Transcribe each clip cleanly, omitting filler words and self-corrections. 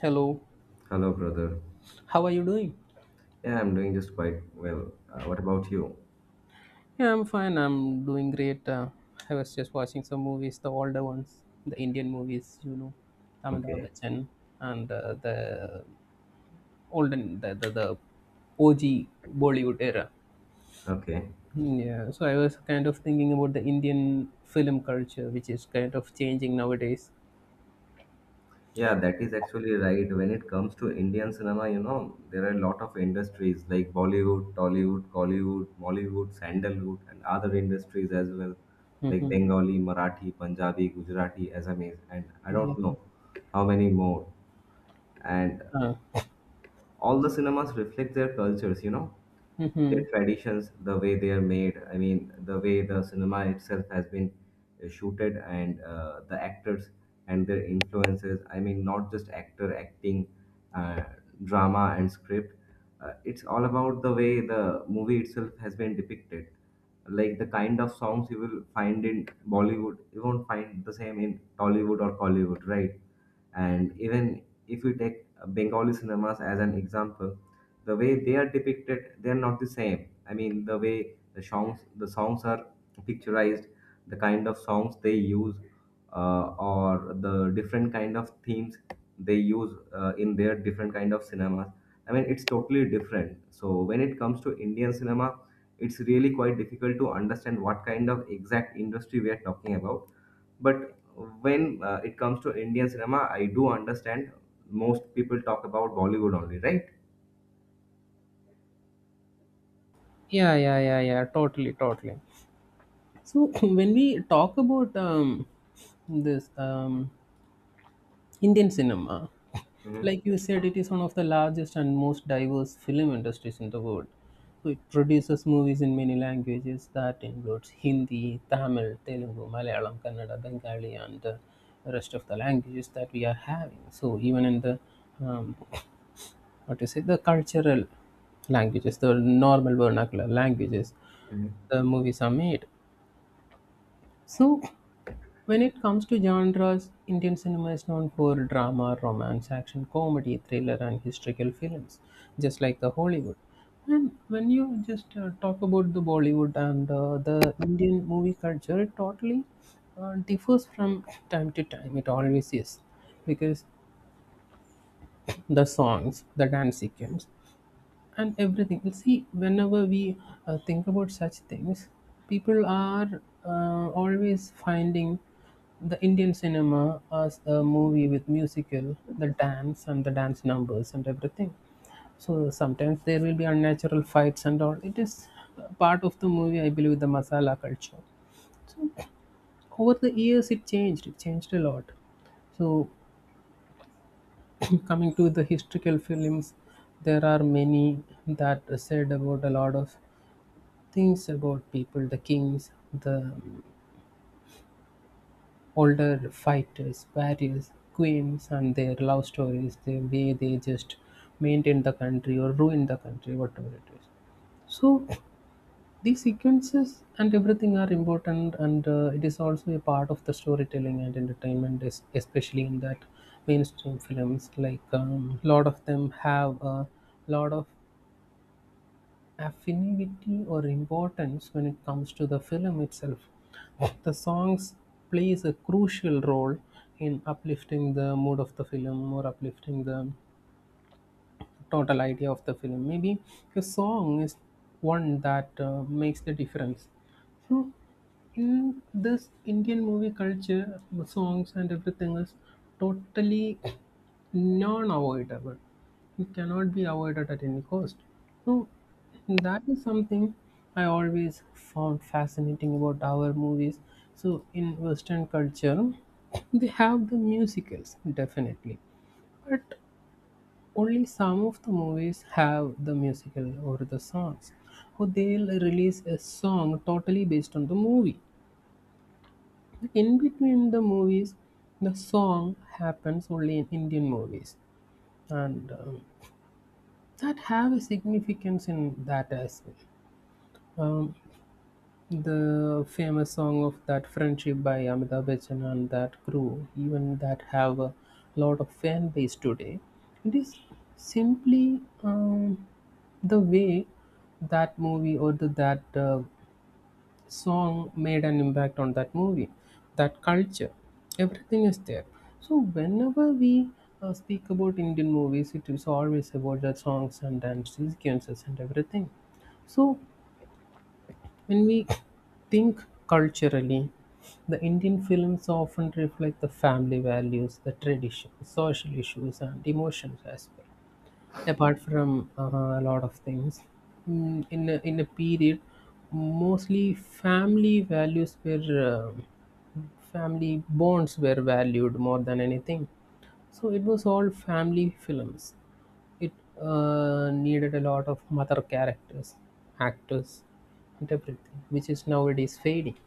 Hello, Hello, brother. how are you doing? Yeah, I'm doing just quite well. What about you? Yeah, I'm fine. I'm doing great. I was just watching some movies, the older ones, the Indian movies, you know, Amitabh Okay, Bachchan and the olden, the OG Bollywood era. okay. Mm, yeah, so I was kind of thinking about the Indian film culture, which is kind of changing nowadays. Yeah, that is actually right. When it comes to Indian cinema, you know, there are a lot of industries like Bollywood, Tollywood, Collywood, Mollywood, Sandalwood, and other industries as well, like Hmm. Bengali, Marathi, Punjabi, Gujarati, Assamese, and I Yeah. don't know how many more. And Uh, all the cinemas reflect their cultures, you know, their hmm. traditions, the way they are made. I mean, the way the cinema itself has been shooted and the actors and their influences. I mean, not just actor acting, uh, drama and script. It's all about the way the movie itself has been depicted. Like the kind of songs you will find in Bollywood, you won't find the same in Tollywood or Collywood, right? And even if we take Bengali cinemas as an example, the way they are depicted, they're not the same. I mean, the way the songs, the songs are picturized, the kind of songs they use, or the different kind of themes they use in their different kind of cinemas. I mean, it's totally different. So when it comes to Indian cinema, it's really quite difficult to understand what kind of exact industry we are talking about. But when it comes to Indian cinema, I do understand most people talk about Bollywood only, right? Yeah, yeah, yeah, yeah, totally, totally. So when we talk about this Indian cinema, Mhm. like you said, it is one of the largest and most diverse film industries in the world. So it produces movies in many languages that includes Hindi, Tamil, Telugu, Malayalam, Kannada, Bengali, and the rest of the languages that we are having. So even in the um, what is say the cultural languages, the normal vernacular languages, Mhm. the movies are made. So when it comes to genres, Indian cinema is known for drama, romance, action, comedy, thriller, and historical films, just like the Hollywood. And when you just talk about the Bollywood and the Indian movie culture, it totally differs from time to time. It always is because the songs, the dance sequence, and everything. You see, whenever we think about such things, people are always finding the Indian cinema as a movie with musical, the dance and the dance numbers and everything. So sometimes there will be unnatural fights and all. It is part of the movie, I believe, the masala culture. Over the years, it changed. It changed a lot. So, coming to the historical films, there are many that said about a lot of things about people, the kings, the older fighters, warriors, queens, and their love stories, the way they just maintain the country or ruin the country, whatever it is. So, these sequences and everything are important, and it is also a part of the storytelling and entertainment, especially in that mainstream films. Like, a lot of them have a lot of affinity or importance when it comes to the film itself. The songs plays a crucial role in uplifting the mood of the film or uplifting the total idea of the film. Maybe a song is one that makes the difference. So, in this Indian movie culture, the songs and everything is totally non avoidable. It cannot be avoided at any cost. So, that is something I always found fascinating about our movies. So, in Western culture, they have the musicals, definitely. But only some of the movies have the musical or the songs, or they'll release a song totally based on the movie. Like, in between the movies, the song happens only in Indian movies, and that have a significance in that as well. Um, The famous song of that friendship by Amitabh Bachchan and that crew, even that have a lot of fan base today. It is simply, the way that movie or that song made an impact on that movie, that culture. Everything is there. So whenever we speak about Indian movies, it is always about the songs and dance sequences and everything. So when we think culturally, the Indian films often reflect the family values, the tradition, social issues, and emotions as well. Apart from a lot of things, mm, in a period, mostly family values were family bonds were valued more than anything. So it was all family films. It needed a lot of mother characters, actors, and everything, which is nowadays fading.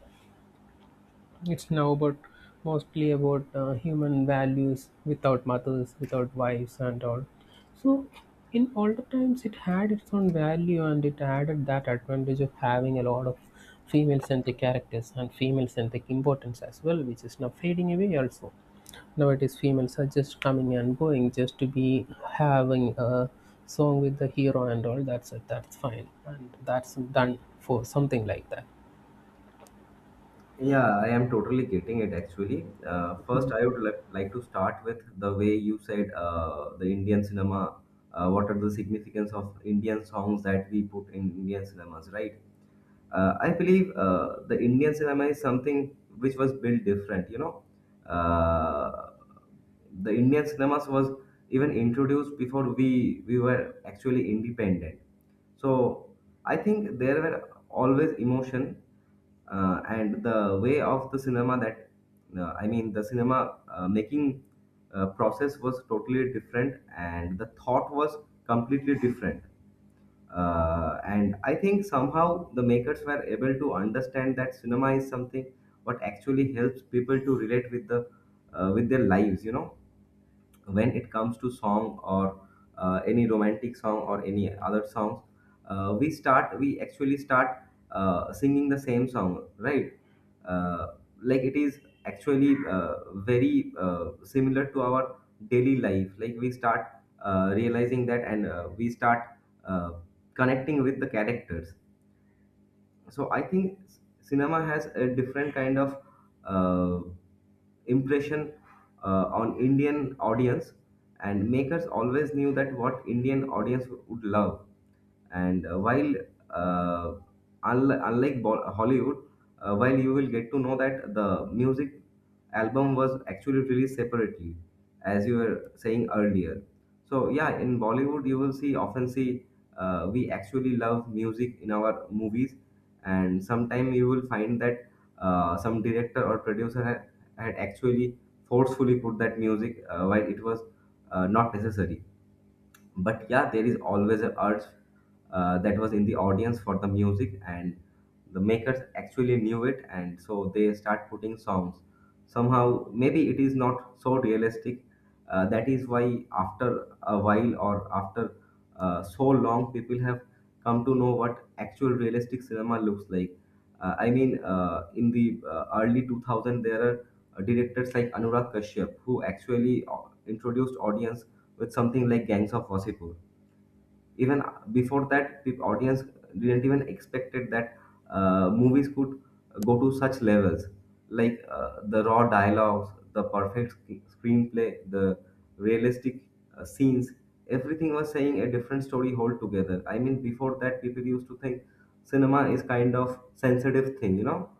It's now about mostly about human values without mothers, without wives, and all. So, in older times, it had its own value and it added that advantage of having a lot of female centric characters and female centric importance as well, which is now fading away also. Nowadays, females are just coming and going just to be having a song with the hero and all. That's it, that's fine, and that's done for something like that. Yeah, I am totally getting it actually. First, I would like to start with the way you said the Indian cinema. What are the significance of Indian songs that we put in Indian cinemas, right? I believe the Indian cinema is something which was built different, you know. Uh, the Indian cinemas was even introduced before we were actually independent. So I think there were always emotion and the way of the cinema that I mean the cinema making process was totally different and the thought was completely different. And I think somehow the makers were able to understand that cinema is something what actually helps people to relate with the with their lives, you know. When it comes to song or any romantic song or any other songs, we actually start singing the same song, right? uh, like, it is actually very similar to our daily life. Like, we start realizing that, and we start uh, connecting with the characters. So I think cinema has a different kind of uh, impression on Indian audience, and makers always knew that what Indian audience would love. And while uh, unlike Hollywood, while you will get to know that the music album was actually released separately, as you were saying earlier. So yeah, in Bollywood you will see often see we actually love music in our movies. And sometime you will find that some director or producer had actually forcefully put that music while it was not necessary. But yeah, there is always an urge that was in the audience for the music, and the makers actually knew it, and so they start putting songs. Somehow maybe it is not so realistic. That is why after a while or after so long, people have come to know what actual realistic cinema looks like. I mean, in the early 2000, there are directors like Anurag Kashyap who actually introduced audience with something like Gangs of Wasseypur. Even before that, the audience didn't even expected that movies could go to such levels, like the raw dialogues, the perfect screenplay, the realistic scenes. Everything was saying a different story altogether. I mean, before that, people used to think cinema is kind of sensitive thing, you know.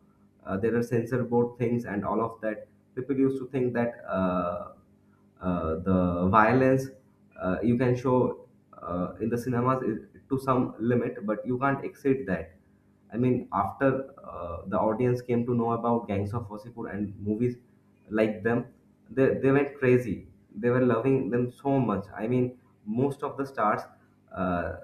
There are censor board things and all of that. People used to think that the violence you can show in the cinemas is to some limit, but you can't exceed that. I mean, after the audience came to know about Gangs of Wasseypur and movies like them, they went crazy. They were loving them so much. I mean, most of the stars, uh,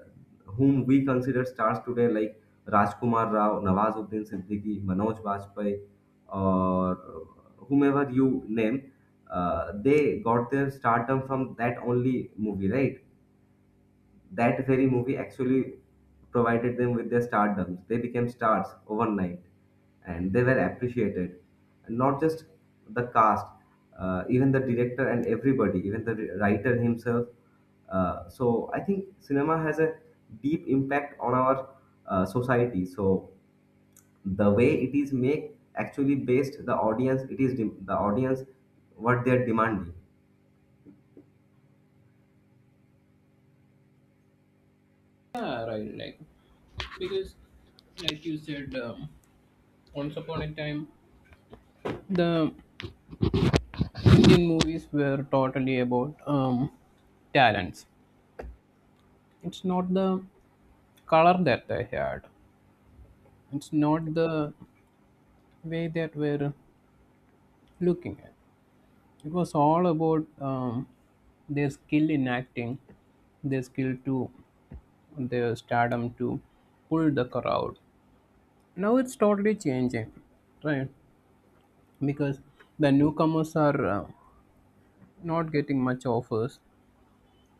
whom we consider stars today, like Rajkumar Rao, Nawazuddin Siddiqui, Manoj Bajpayee, or whomever you name, they got their stardom from that only movie, right? That very movie actually provided them with their stardoms. They became stars overnight and they were appreciated. And not just the cast, even the director and everybody, even the writer himself. So I think cinema has a deep impact on our society. So the way it is make actually based the audience, it is the audience what they are demanding. Yeah, right. Like because like you said once upon a time, the Indian movies were totally about talents. It's not the color that they had, it's not the way that we're looking at. It was all about their skill in acting, their skill to their stardom to pull the crowd. Now it's totally changing, right? Because the newcomers are not getting much offers.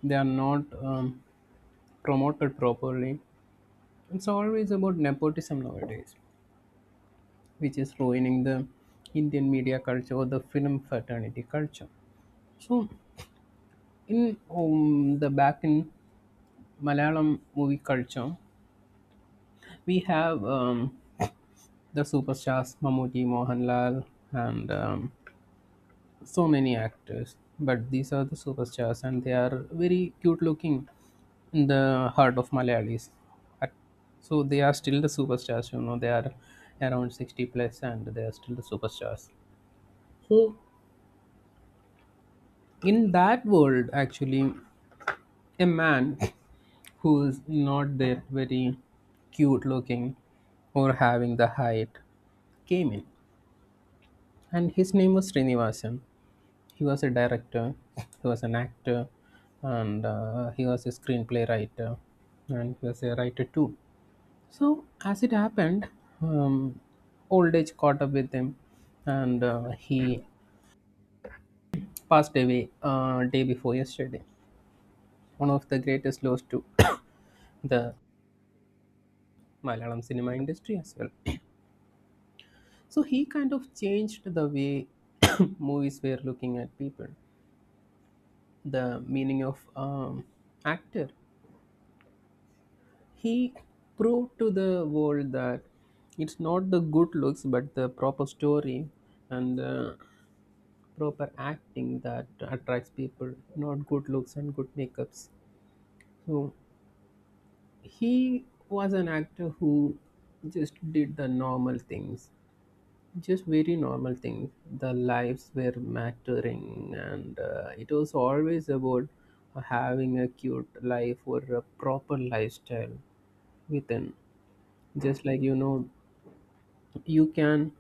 They are not promoted properly. It's always about nepotism nowadays, which is ruining the Indian media culture or the film fraternity culture. So, in the back in Malayalam movie culture, we have the superstars Mammootty, Mohanlal, and so many actors, but these are the superstars and they are very cute looking in the heart of Malayalis. At- so they are still the superstars, you know, they are around 60 plus and they are still the superstars. So in that world, actually a man who is not that very cute looking or having the height came in, and his name was Srinivasan. He was a director, he was an actor, and he was a screenplay writer, and he was a writer too. So as it happened, um, old age caught up with him, and he passed away day before yesterday. One of the greatest loss to the Malayalam cinema industry as well. So he kind of changed the way movies were looking at people, the meaning of um, actor. He proved to the world that it's not the good looks but the proper story and proper acting that attracts people, not good looks and good makeups. So he was an actor who just did the normal things, just very normal things. The lives were mattering, and it was always about having a cute life or a proper lifestyle within, just like, you know, you can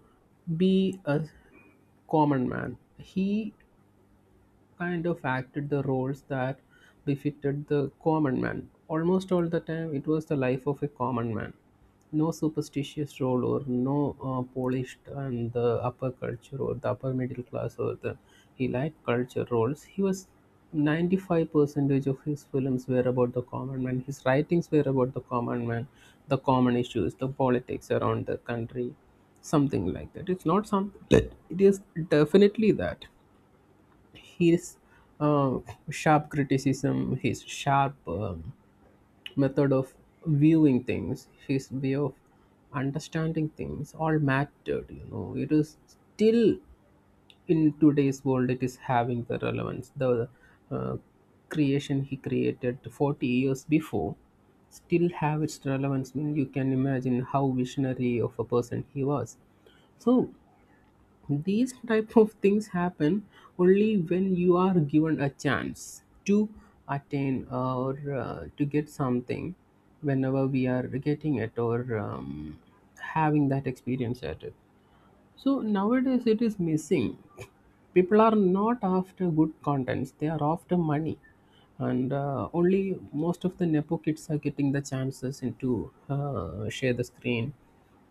be a common man. He kind of acted the roles that befitted the common man. Almost all the time, it was the life of a common man. No superstitious role or no polished and the upper culture or the upper middle class or the elite culture roles. He was 95 percentage of his films were about the common man. His writings were about the common man, the common issues, the politics around the country, something like that. It's not something. It is definitely that his uh, sharp criticism, his sharp method of viewing things, his way of understanding things all mattered. You know, it is still in today's world, it is having the relevance. The uh, creation he created 40 years before still have its relevance. I mean, you can imagine how visionary of a person he was. So these type of things happen only when you are given a chance to attain or to get something, whenever we are getting it or having that experience at it. So nowadays it is missing. People are not after good contents; they are after money, and only most of the nepo kids are getting the chances into share the screen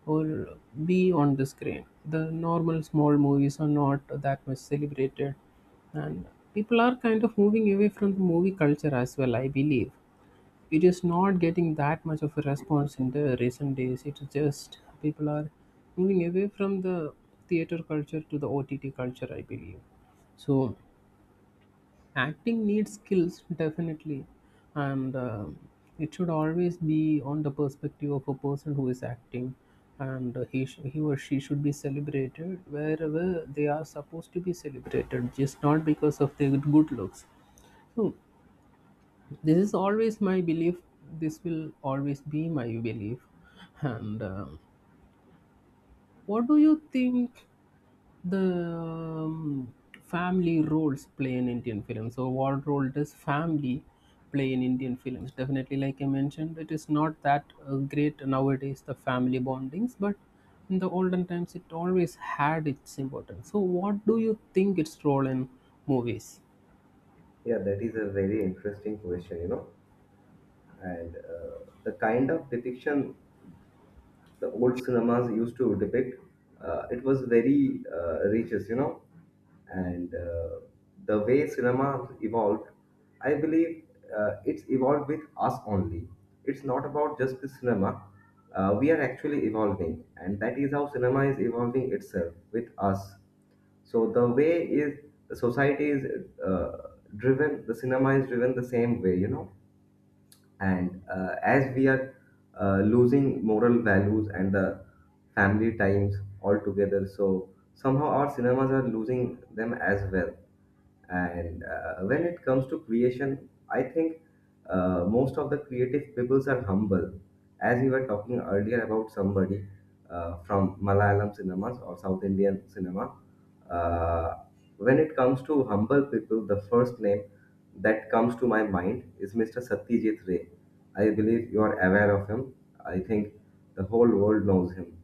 or be on the screen. The normal small movies are not that much celebrated, and people are kind of moving away from the movie culture as well. I believe it is not getting that much of a response in the recent days. It's just people are moving away from the theater culture to the OTT culture, I believe. So, acting needs skills definitely, and it should always be on the perspective of a person who is acting, and uh, he or she should be celebrated wherever they are supposed to be celebrated, just not because of their good looks. So this is always my belief, this will always be my belief, and what do you think the um, family roles play in Indian films? So what role does family play in Indian films? Definitely, like I mentioned, it is not that great nowadays, the family bondings, but in the olden times it always had its importance. So what do you think its role in movies? Yeah, that is a very interesting question, you know. And the kind of depiction the old cinemas used to depict, it was very righteous, you know. And the way cinema evolved, I believe it's evolved with us only. It's not about just the cinema. We are actually evolving, and that is how cinema is evolving itself with us. So the way is the society is uh, driven, the cinema is driven the same way, you know. And as we are losing moral values and the family times altogether, so somehow our cinemas are losing them as well. And when it comes to creation, I think most of the creative peoples are humble. As we were talking earlier about somebody from Malayalam cinemas or South Indian cinema, uh, when it comes to humble people, the first name that comes to my mind is Mr. Satyajit Ray. I believe you are aware of him. I think the whole world knows him,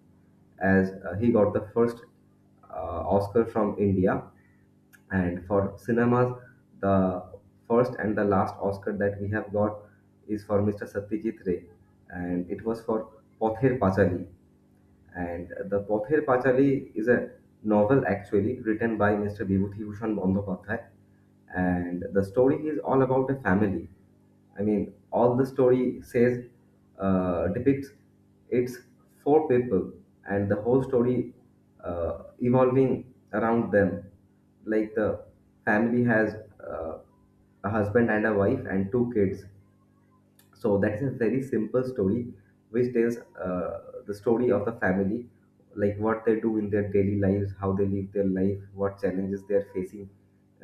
as he got the first uh, Oscar from India, and for cinemas, the first and the last Oscar that we have got is for Mr. Satyajit Ray, and it was for Pather Pachali. And The Pother Pachali is a novel actually written by Mr. Vibhuti Bhushan Bandyopadhyay. And the story is all about a family. I mean, all the story says depicts it's four people and the whole story evolving around them. Like, the family has uh, a husband and a wife and two kids. So that is a very simple story which tells the story of the family, like what they do in their daily lives, how they live their life, what challenges they are facing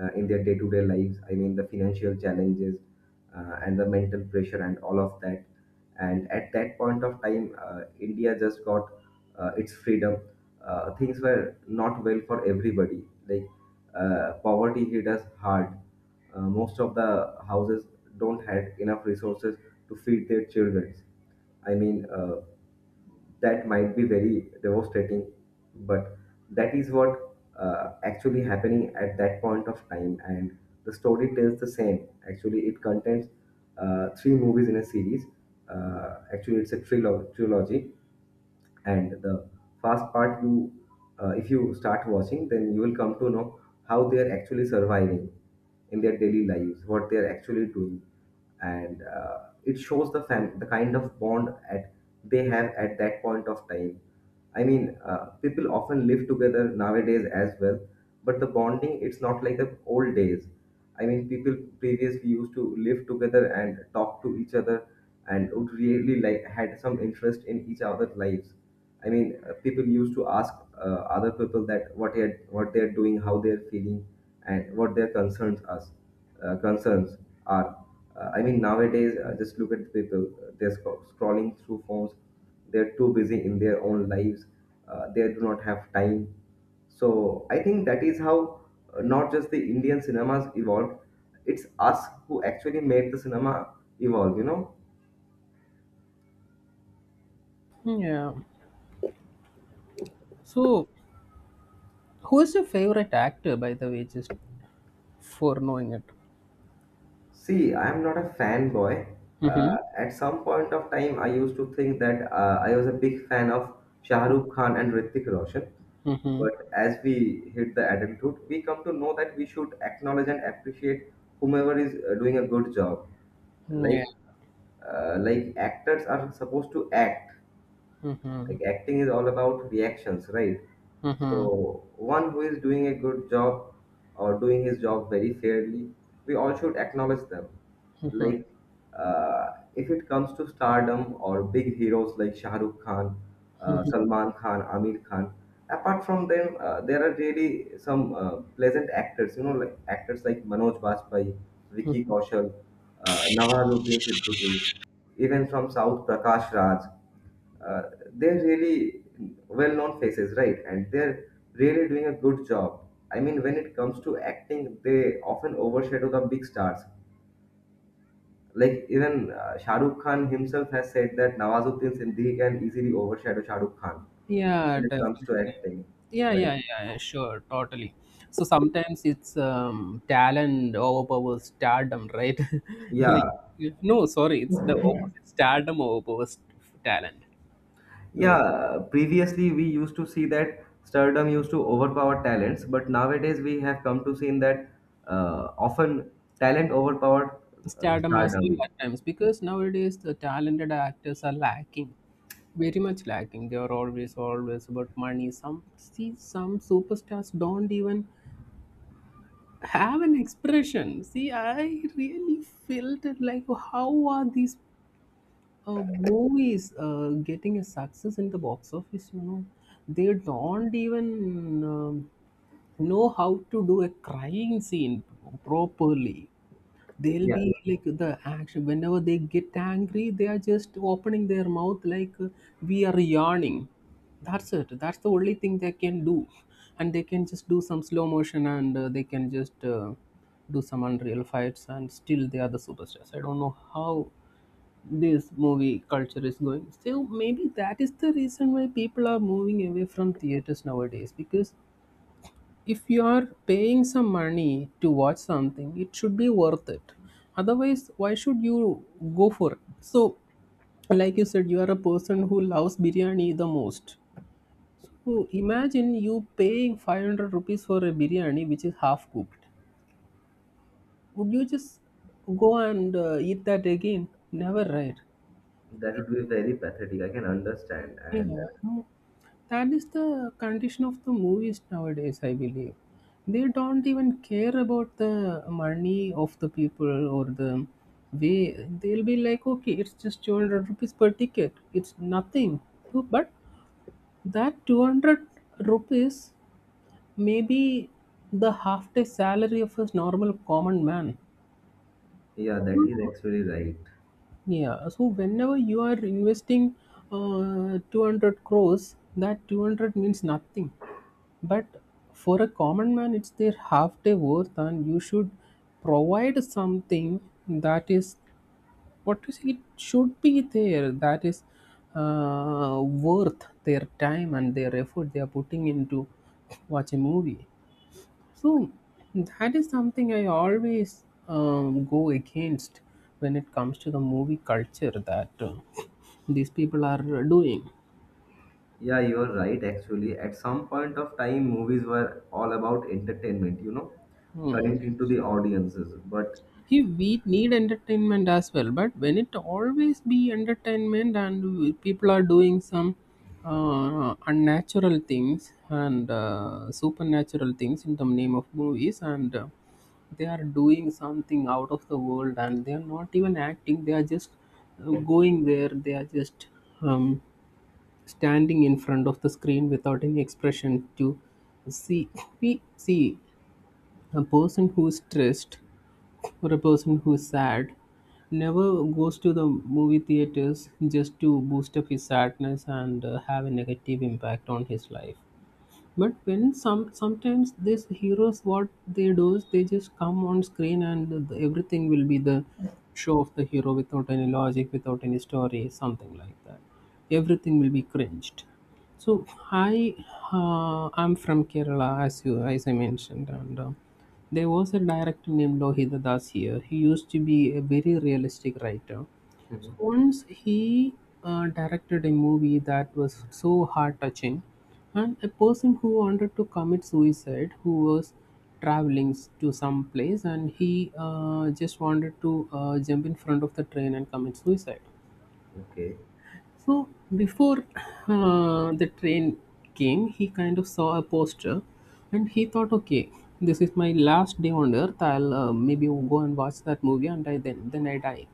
in their day to day lives. I mean, the financial challenges and the mental pressure and all of that. And at that point of time, India just got its freedom. Things were not well for everybody. Like, poverty hit us hard. Most of the houses don't have enough resources to feed their children. I mean, that might be very devastating, but that is what actually happening at that point of time. And the story tells the same. Actually, it contains three movies in a series. Actually, it's a trilogy, and the fast part, you if you start watching, then you will come to know how they are actually surviving in their daily lives, what they are actually doing. And it shows the the kind of bond at they have at that point of time. I mean, people often live together nowadays as well, but the bonding, it's not like the old days. I mean, people previously used to live together and talk to each other, and would really like had some interest in each other's lives. I mean, people used to ask other people that what they are doing, how they are feeling, and what their concerns are. Uh, concerns are. I mean, nowadays, just look at the people. They're scrolling through phones. They're too busy in their own lives. They do not have time. So I think that is how not just the Indian cinemas evolved, it's us who actually made the cinema evolve, you know. Yeah. So who is your favorite actor, by the way, just for knowing it. See, I am not a fanboy. Mm-hmm. At some point of time, I used to think that I was a big fan of Shah Rukh Khan and Hrithik Roshan. Mm-hmm. But as we hit the adulthood, we come to know that we should acknowledge and appreciate whomever is doing a good job. Yeah. Like, like actors are supposed to act, Mm-hmm. like acting is all about reactions, right? Mm-hmm. So one who is doing a good job or doing his job very fairly, we all should acknowledge them. Mm-hmm. like uh, if it comes to stardom or big heroes like Shah Rukh Khan, Salman Khan, Amir Khan, apart from them there are really some pleasant actors, like actors like Manoj Bajpayee, Vicky Kaushal, Nawazuddin Siddiqui, even from south Prakash Raj. uh, they're really well-known faces, right? And they're really doing a good job. I mean, when it comes to acting, they often overshadow the big stars. Like, even Shah Rukh Khan himself has said that Nawazuddin Siddiqui can easily overshadow Shah Rukh Khan Yeah, when it comes to definitely. acting. Yeah, Like, yeah, yeah, yeah, sure, totally. So sometimes it's talent overpowers stardom, right? Like, yeah, no, sorry, it's the opposite. Stardom overpowers talent. So yeah. Previously, we used to see that stardom used to overpower talents, but nowadays we have come to see that often talent overpowered stardom as well stardom. at times, because nowadays the talented actors are lacking, very much lacking. They are always, always about money. Some see some superstars don't even have an expression. See, I really felt it like, how are these movies getting a success in the box office? You know, they don't even know how to do a crying scene properly. They'll Yeah, be like the action. Whenever they get angry, they are just opening their mouth like we are yawning. That's it, that's the only thing they can do. And they can just do some slow motion and they can just do some unreal fights, and still they are the superstars. I don't know how this movie culture is going, so maybe that is the reason why people are moving away from theaters nowadays, because if you are paying some money to watch something, it should be worth it. Otherwise, why should you go for it? So like you said, you are a person who loves biryani the most. So imagine you paying 500 rupees for a biryani which is half cooked. Would you just go and eat that again? Never, right? that would be very pathetic. I can understand. And Yeah. uh, Mm. That is the condition of the movies nowadays, I believe. They don't even care about the money of the people or the way. They'll be like, okay, it's just 200 rupees per ticket. It's nothing. So, but that 200 rupees may be the half day salary of a normal common man. yeah, that is actually right. Yeah. So whenever you are investing 200 crores, that 200 means nothing. But for a common man, it's their half day worth, and you should provide something that is, what you say, it should be there, that is worth their time and their effort they are putting into watch a movie. So that is something I always go against when it comes to the movie culture that these people are doing. Yeah, you're right. Actually, at some point of time, movies were all about entertainment, Hmm. connecting to the audiences. But He, we need entertainment as well, but when it always be entertainment and people are doing some unnatural things and supernatural things in the name of movies, and they are doing something out of the world, and they are not even acting. They are just going there, they are just um, standing in front of the screen without any expression. To see we see a person who is stressed, for a person who's sad, never goes to the movie theaters just to boost up his sadness and have a negative impact on his life. But when some sometimes these heroes, what they do is they just come on screen, and the, everything will be the show of the hero without any logic, without any story, something like that. Everything will be cringed. So I'm from Kerala, as you as I mentioned, and there was a director named Lohida Das here. He used to be a very realistic writer. So mhm. once he directed a movie that was so heart touching, and a person who wanted to commit suicide, who was to some place, and he just wanted to jump in front of the train and commit suicide. Okay. So before the train came, he kind of saw a poster, and he thought, okay, this is my last day on earth. I'll maybe go and watch that movie, and I then I die.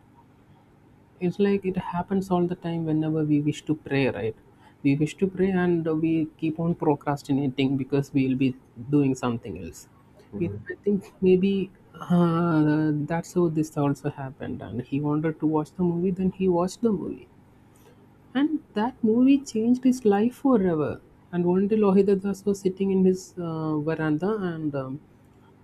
It's like it happens all the time, whenever we wish to pray, right? We wish to pray and we keep on procrastinating because we will be doing something else. Mhm. I think maybe that's how this also happened, and he wanted to watch the movie. Then he watched the movie, and that movie changed his life forever. And one day Lohida Das was sitting in his veranda, and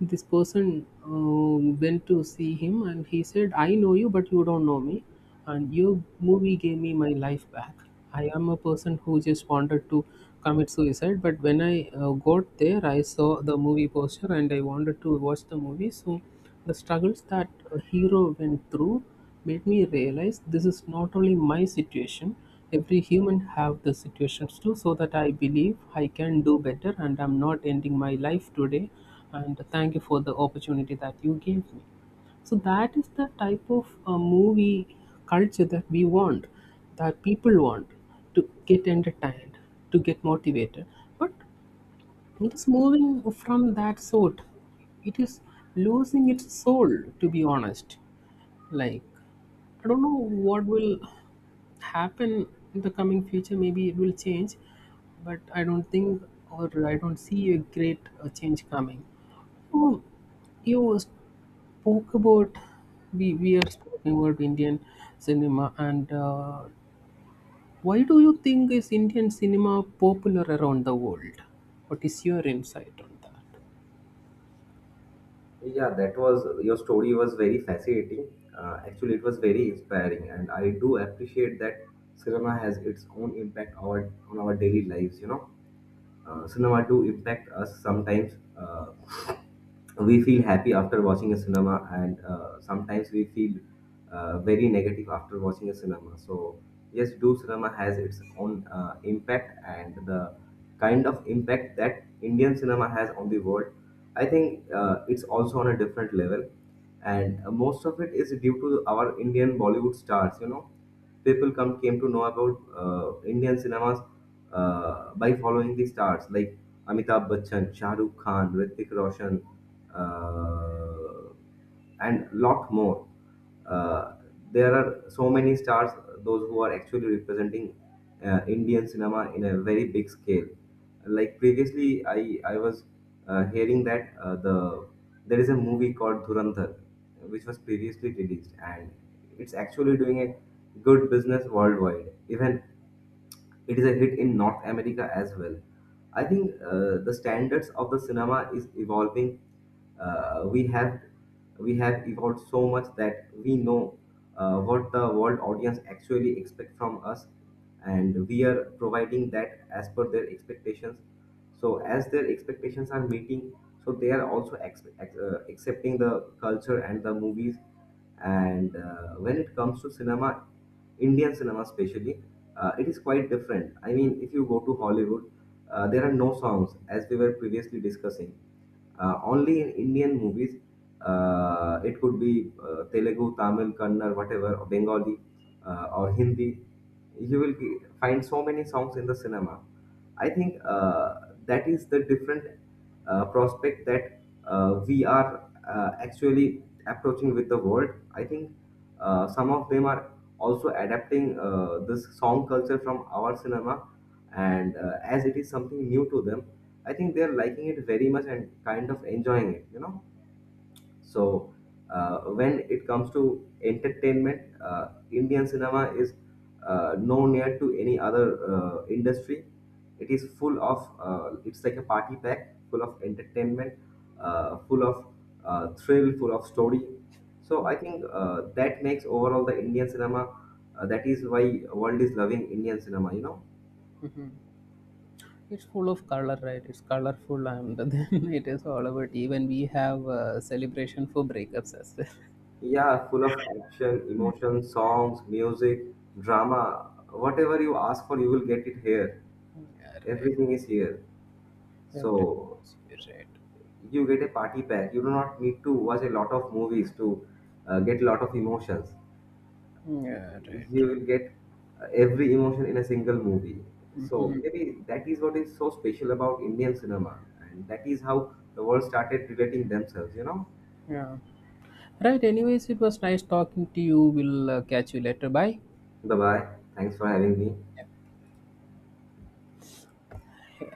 this person went to see him, and he said, "I know you, but you don't know me. And your movie gave me my life back. I am a person who just wanted to commit suicide, but when I got there, I saw the movie poster, and I wanted to watch the movie. So the struggles that a hero went through made me realize this is not only my situation." Every human have the situations too, so that I believe I can do better, and I'm not ending my life today. And thank you for the opportunity that you gave me. So that is the type of movie culture that we want, that people want, to get entertained, to get motivated. But it is moving from that sort. It is losing its soul, to be honest. Like, I don't know what will happen in the coming future. Maybe it will change, but I don't think, or I don't see a great change coming. Oh, you spoke about, we are speaking about Indian cinema, and why do you think is Indian cinema popular around the world? What is your insight on that? Yeah, that was, your story was very fascinating. Actually, it was very inspiring, and I do appreciate that cinema has its own impact on our daily lives. Cinema do impact us sometimes. We feel happy after watching a cinema, and sometimes we feel very negative after watching a cinema. So yes, do cinema has its own impact, and the kind of impact that Indian cinema has on the world, I think it's also on a different level, and most of it is due to our Indian Bollywood stars, you know. People come came to know about Indian cinemas by following the stars like Amitabh Bachchan, Shah Rukh Khan, Hrithik Roshan, uh, and lot more. Uh, there are so many stars, those who are actually representing Indian cinema in a very big scale. Like previously, I was hearing that the there is a movie called Dhurandhar, which was previously released, and it's actually doing a good business worldwide. Even it is a hit in North America as well. I think the standards of the cinema is evolving. Uh, we have we have evolved so much that we know what the world audience actually expect from us, and we are providing that as per their expectations. So as their expectations are meeting, so they are also accepting the culture and the movies. And when it comes to cinema, Indian cinema especially, it is quite different. I mean, if you go to Hollywood, there are no songs, as we were previously discussing. Only in Indian movies, it could be Telugu, Tamil, Kannada, whatever, or Bengali, or Hindi. You will find so many songs in the cinema. I think that is the different prospect that we are actually approaching with the world. I think some of them are also adapting this song culture from our cinema, and as it is something new to them, I think they are liking it very much and kind of enjoying it. You know. So when it comes to entertainment, Indian cinema is no near to any other industry. It is full of it's like a party pack, full of entertainment, full of thrill, full of story. So I think that makes overall the Indian cinema. That is why world is loving Indian cinema. You know. It's full of color, right? It's colorful, and then it is all about, even we have a celebration for breakups as well. Yeah, full of action, emotion, songs, music, drama. Whatever you ask for, you will get it here. Everything is here. Right. So you get a party pack. You do not need to watch a lot of movies to get a lot of emotions. Yeah, right, You right. will get every emotion in a single movie. So Hmm. maybe that is what is so special about Indian cinema, and that is how the world started relating themselves. You know. Yeah. Right, anyways, it was nice talking to you. We'll catch you later. Bye. Bye bye. Thanks for having me.